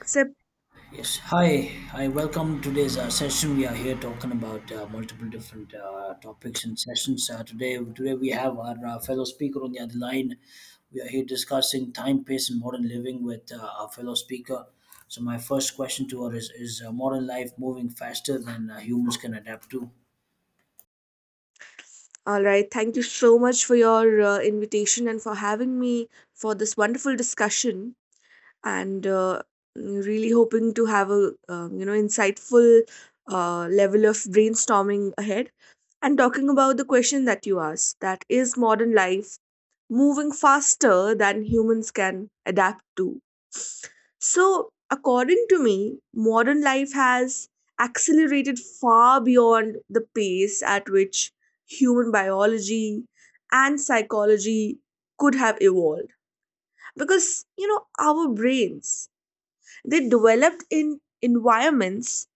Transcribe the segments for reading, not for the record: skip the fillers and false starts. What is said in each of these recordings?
Except, Yes, hi. I welcome today's session. We are here talking about multiple different topics and sessions. Today we have our fellow speaker on the other line. We are here discussing time, pace, and modern living with our fellow speaker. So, my first question to her is modern life moving faster than humans can adapt to? all right. Thank you so much for your invitation and for having me for this wonderful discussion. And Really hoping to have a insightful level of brainstorming ahead. And talking about the question that you asked, that is modern life moving faster than humans can adapt to. So, according to me, modern life has accelerated far beyond the pace at which human biology and psychology could have evolved. Because, you know, our brains, they developed in environments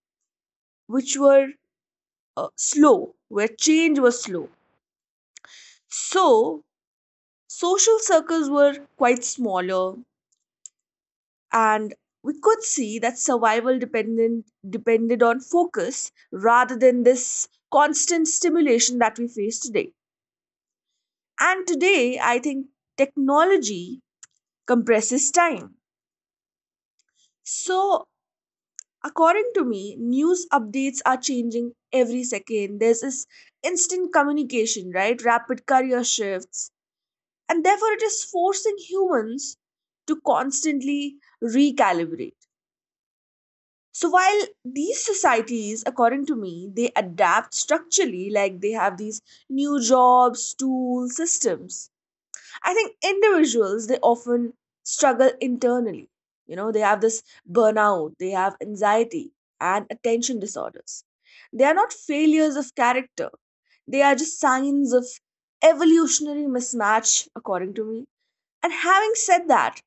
which were slow, where change was slow. So, social circles were quite smaller, and we could see that survival dependent depended on focus rather than this constant stimulation that we face today. And today, I think technology compresses time. So, according to me, news updates are changing every second. There's this instant communication, right, rapid career shifts, and therefore it is forcing humans to constantly recalibrate. So while these societies, according to me, they adapt structurally, like they have these new jobs, tools, systems. I think individuals they often struggle internally. You know, they have this burnout, they have anxiety and attention disorders. They are not failures of character. They are just signs of evolutionary mismatch, according to me. And having said that,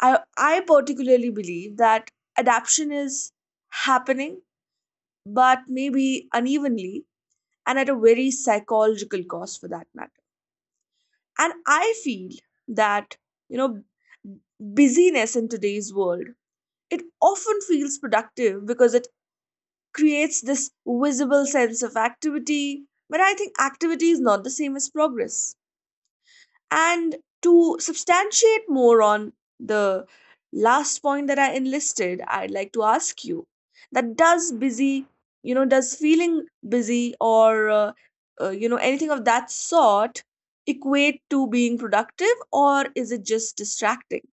I particularly believe that adaptation is happening but maybe unevenly and at a very psychological cost for that matter. And I feel that, you know, busyness in today's world, it often feels productive because it creates this visible sense of activity. But I think activity is not the same as progress. And to substantiate more on the last point that I enlisted, I'd like to ask you that does busy, you know, does feeling busy or, you know, anything of that sort equate to being productive or is it just distracting?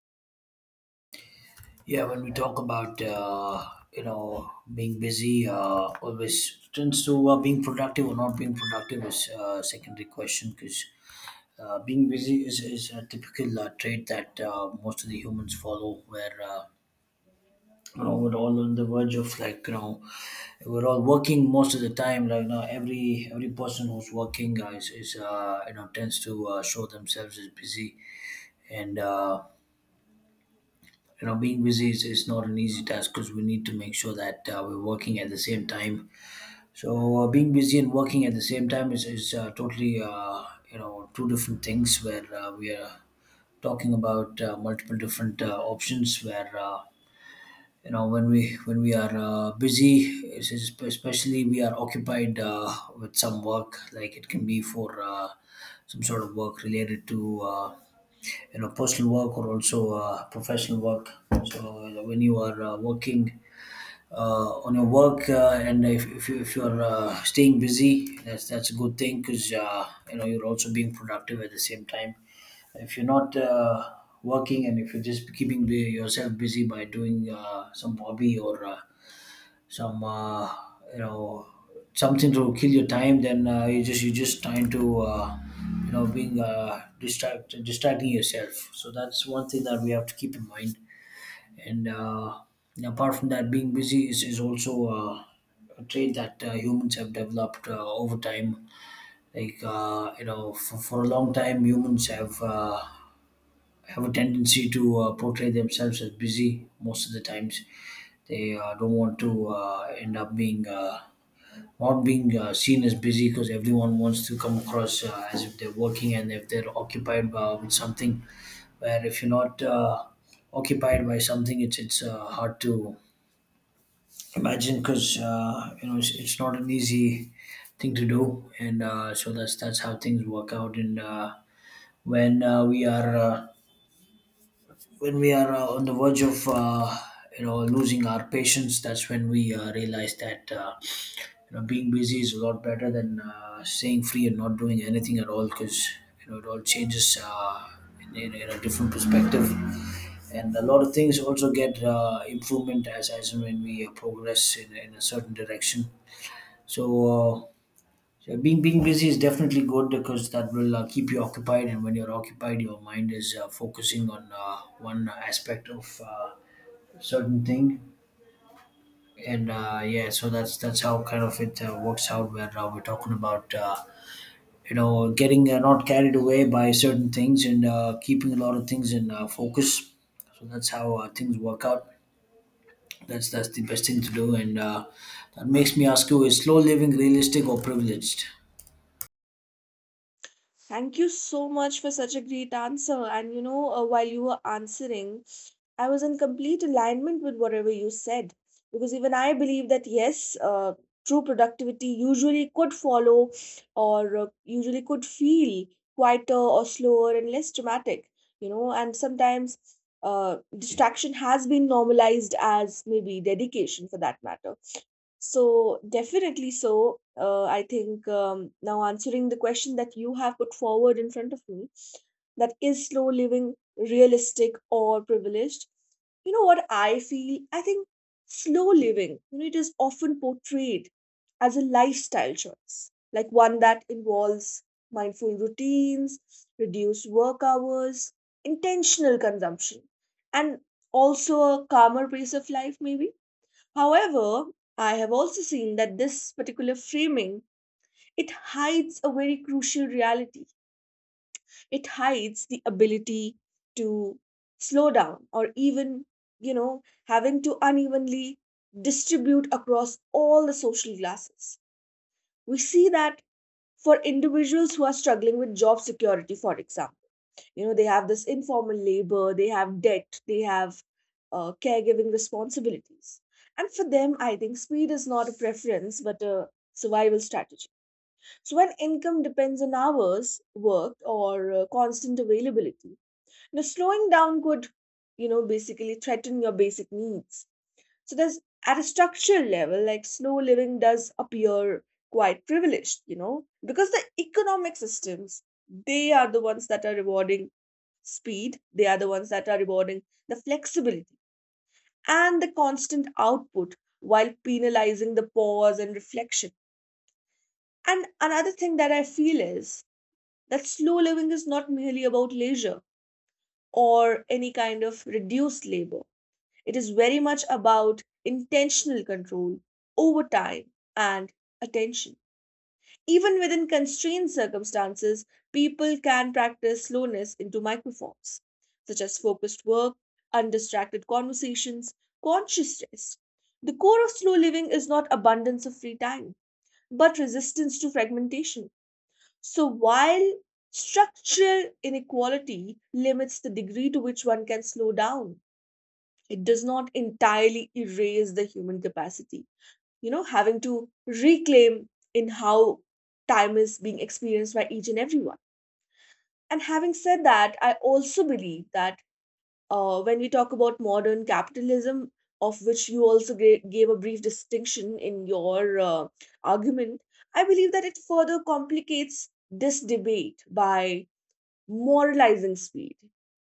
Yeah, when we talk about being busy, always turns to being productive or not being productive is a secondary question because being busy is a typical trait that most of the humans follow where we're all on the verge of like we're all working most of the time like every person who's working is tends to show themselves as busy and being busy is not an easy task because we need to make sure that we're working at the same time. So being busy and working at the same time is totally two different things where we are talking about multiple different options where when we are busy it's especially we are occupied with some work. Like it can be for some sort of work related to personal work or also professional work. So when you are working on your work and if you're staying busy, that's a good thing because you're also being productive at the same time. If you're not working and if you're just keeping yourself busy by doing some hobby or some uh, you know something to kill your time, then you just trying to being distracting yourself. So that's one thing that we have to keep in mind. And and apart from that, being busy is also a trait that humans have developed over time. Like for a long time, humans have a tendency to portray themselves as busy most of the times. They don't want to end up being not being seen as busy, because everyone wants to come across as if they're working and if they're occupied with something. Where if you're not occupied by something, it's hard to imagine because it's not an easy thing to do, and so that's how things work out. And when we are when we are on the verge of losing our patience, that's when we realize that being busy is a lot better than staying free and not doing anything at all, because it all changes in a different perspective, and a lot of things also get improvement as and when we progress in a certain direction. So uh, so being busy is definitely good, because that will keep you occupied, and when you're occupied, your mind is focusing on one aspect of certain thing. And yeah, so that's how kind of it works out. Where we're talking about getting not carried away by certain things and keeping a lot of things in focus. So that's how things work out. That's the best thing to do, and that makes me ask you: Is slow living realistic or privileged? Thank you so much for such a great answer. And you know, while you were answering, I was in complete alignment with whatever you said. Because even I believe that, yes, true productivity usually could follow or usually could feel quieter or slower and less dramatic, you know, and sometimes distraction has been normalized as maybe dedication for that matter, so definitely so. I think now answering the question that you have put forward in front of me, that is slow living realistic or privileged? You know what I feel? I think slow living, you know, it is often portrayed as a lifestyle choice, like one that involves mindful routines, reduced work hours, intentional consumption, and also a calmer pace of life, maybe. However, I have also seen that this particular framing, it hides a very crucial reality. It hides the ability to slow down or even, you know, having to unevenly distribute across all the social classes. We see that for individuals who are struggling with job security, for example, you know, they have this informal labor, they have debt, they have caregiving responsibilities, and for them I think speed is not a preference but a survival strategy. So when income depends on hours worked or constant availability, now slowing down could, you know, basically threaten your basic needs. So there's, at a structural level, like slow living does appear quite privileged, you know, because the economic systems, they are the ones that are rewarding speed, they are the ones that are rewarding the flexibility and the constant output while penalizing the pause and reflection. And another thing that I feel is that slow living is not merely about leisure or any kind of reduced labor. It is very much about intentional control over time and attention. Even within constrained circumstances, people can practice slowness into microforms, such as focused work, undistracted conversations, conscious rest. The core of slow living is not abundance of free time, but resistance to fragmentation. So while structural inequality limits the degree to which one can slow down, it does not entirely erase the human capacity, you know, having to reclaim in how time is being experienced by each and everyone. And having said that, I also believe that when we talk about modern capitalism, of which you also gave a brief distinction in your argument, I believe that it further complicates this debate by moralizing speed,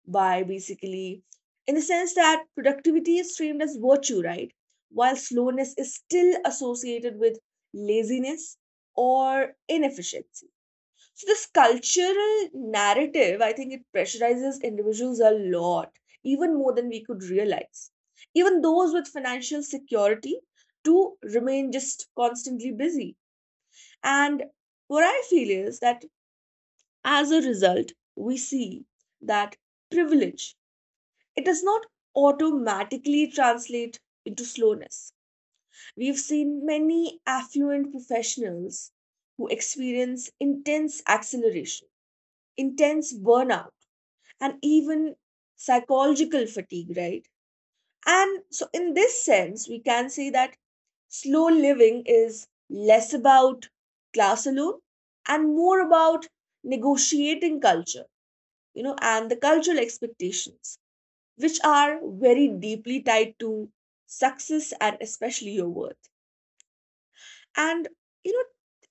by basically, in the sense that productivity is framed as virtue, right? While slowness is still associated with laziness or inefficiency. So, this cultural narrative, I think it pressurizes individuals a lot, even more than we could realize. Even those with financial security to remain just constantly busy. And what I feel is that, as a result, we see that privilege, it does not automatically translate into slowness. We've seen many affluent professionals who experience intense acceleration, intense burnout, and even psychological fatigue, right? And so, in this sense, we can say that slow living is less about class alone and more about negotiating culture, you know, and the cultural expectations, which are very deeply tied to success and especially your worth. And, you know,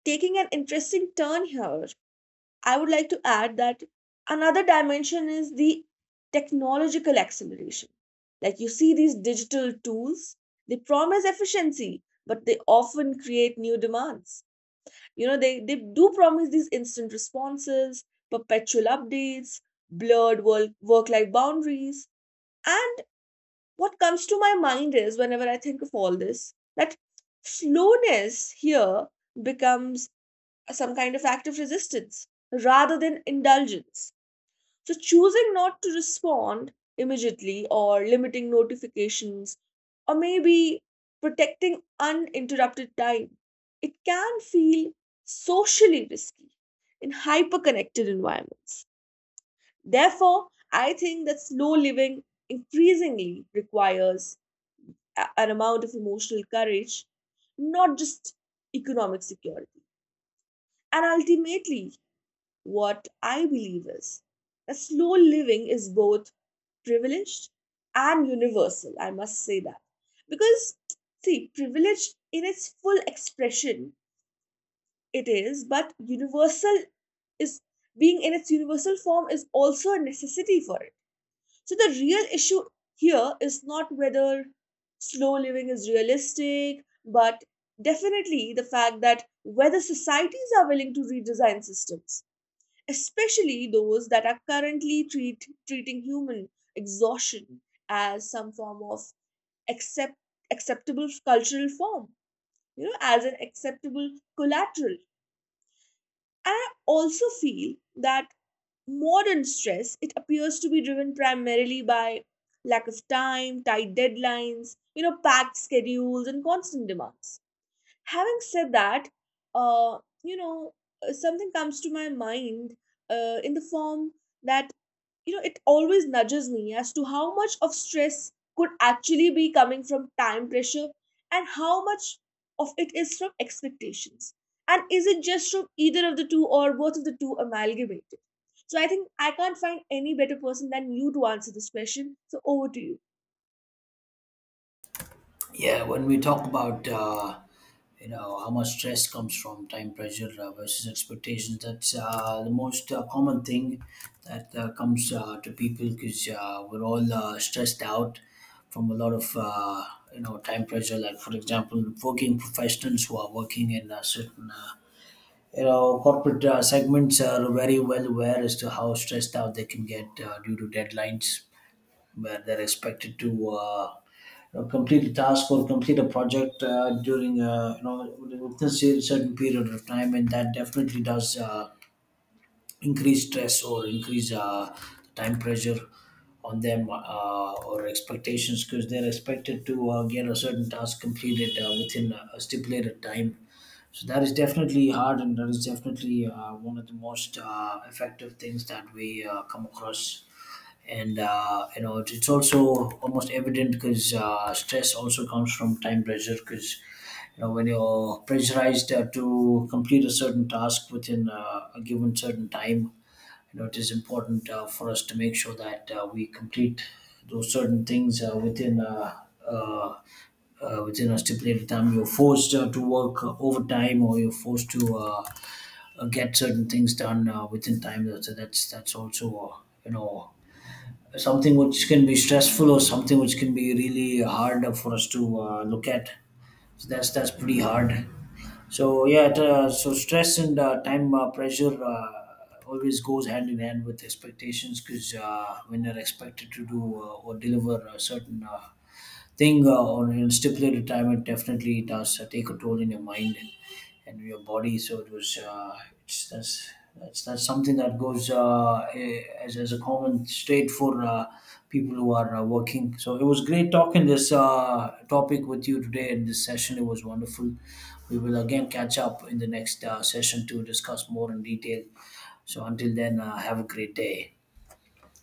taking an interesting turn here, I would like to add that another dimension is the technological acceleration. Like you see these digital tools, they promise efficiency, but they often create new demands. You know, they do promise these instant responses, perpetual updates, blurred work life boundaries, and what comes to my mind is whenever I think of all this, that slowness here becomes some kind of act of resistance rather than indulgence. So, choosing not to respond immediately or limiting notifications or maybe protecting uninterrupted time, it can feel socially risky in hyperconnected environments. Therefore, I think that slow living increasingly requires an amount of emotional courage, not just economic security. And ultimately, what I believe is that slow living is both privileged and universal. I must say that. Because, see, privilege in its full expression, it is, but universal is, being in its universal form is also a necessity for it. So the real issue here is not whether slow living is realistic, but definitely the fact that whether societies are willing to redesign systems, especially those that are currently treating human exhaustion as some form of accept, acceptable cultural form, you know, as an acceptable collateral. And I also feel that modern stress, it appears to be driven primarily by lack of time, tight deadlines, you know, packed schedules, and constant demands. Having said that, you know, something comes to my mind in the form that, you know, it always nudges me as to how much of stress could actually be coming from time pressure and how much of it is from expectations. And is it just from either of the two or both of the two amalgamated? So I think I can't find any better person than you to answer this question. So over to you. Yeah, when we talk about how much stress comes from time pressure versus expectations, that's the most common thing that comes to people, because we're all stressed out from a lot of time pressure. Like for example, working professionals who are working in a certain corporate segments are very well aware as to how stressed out they can get due to deadlines, where they're expected to complete a task or complete a project during within a certain period of time, and that definitely does increase stress or increase time pressure on them or expectations, because they're expected to get a certain task completed within a stipulated time. So that is definitely hard, and that is definitely one of the most effective things that we come across. And it's also almost evident, because stress also comes from time pressure. Because when you're pressurized to complete a certain task within a given certain time, it is important for us to make sure that we complete those certain things uh, within a stipulated time. You're forced to work overtime, or you're forced to get certain things done within time. So that's also you know something which can be stressful, or something which can be really hard for us to look at. So that's pretty hard. So yeah, so stress and time pressure always goes hand in hand with expectations, because when you're expected to do or deliver a certain thing or you stipulated time. It definitely does take a toll in your mind and your body. So it was it's that's something that goes as a common state for people who are working. So it was great talking this topic with you today in this session. It was wonderful. We will again catch up in the next session to discuss more in detail. So until then, have a great day.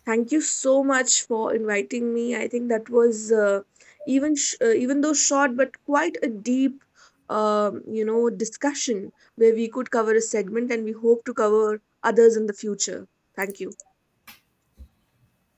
Thank you so much for inviting me. I think that was even though short, but quite a deep, you know, discussion where we could cover a segment, and we hope to cover others in the future. Thank you.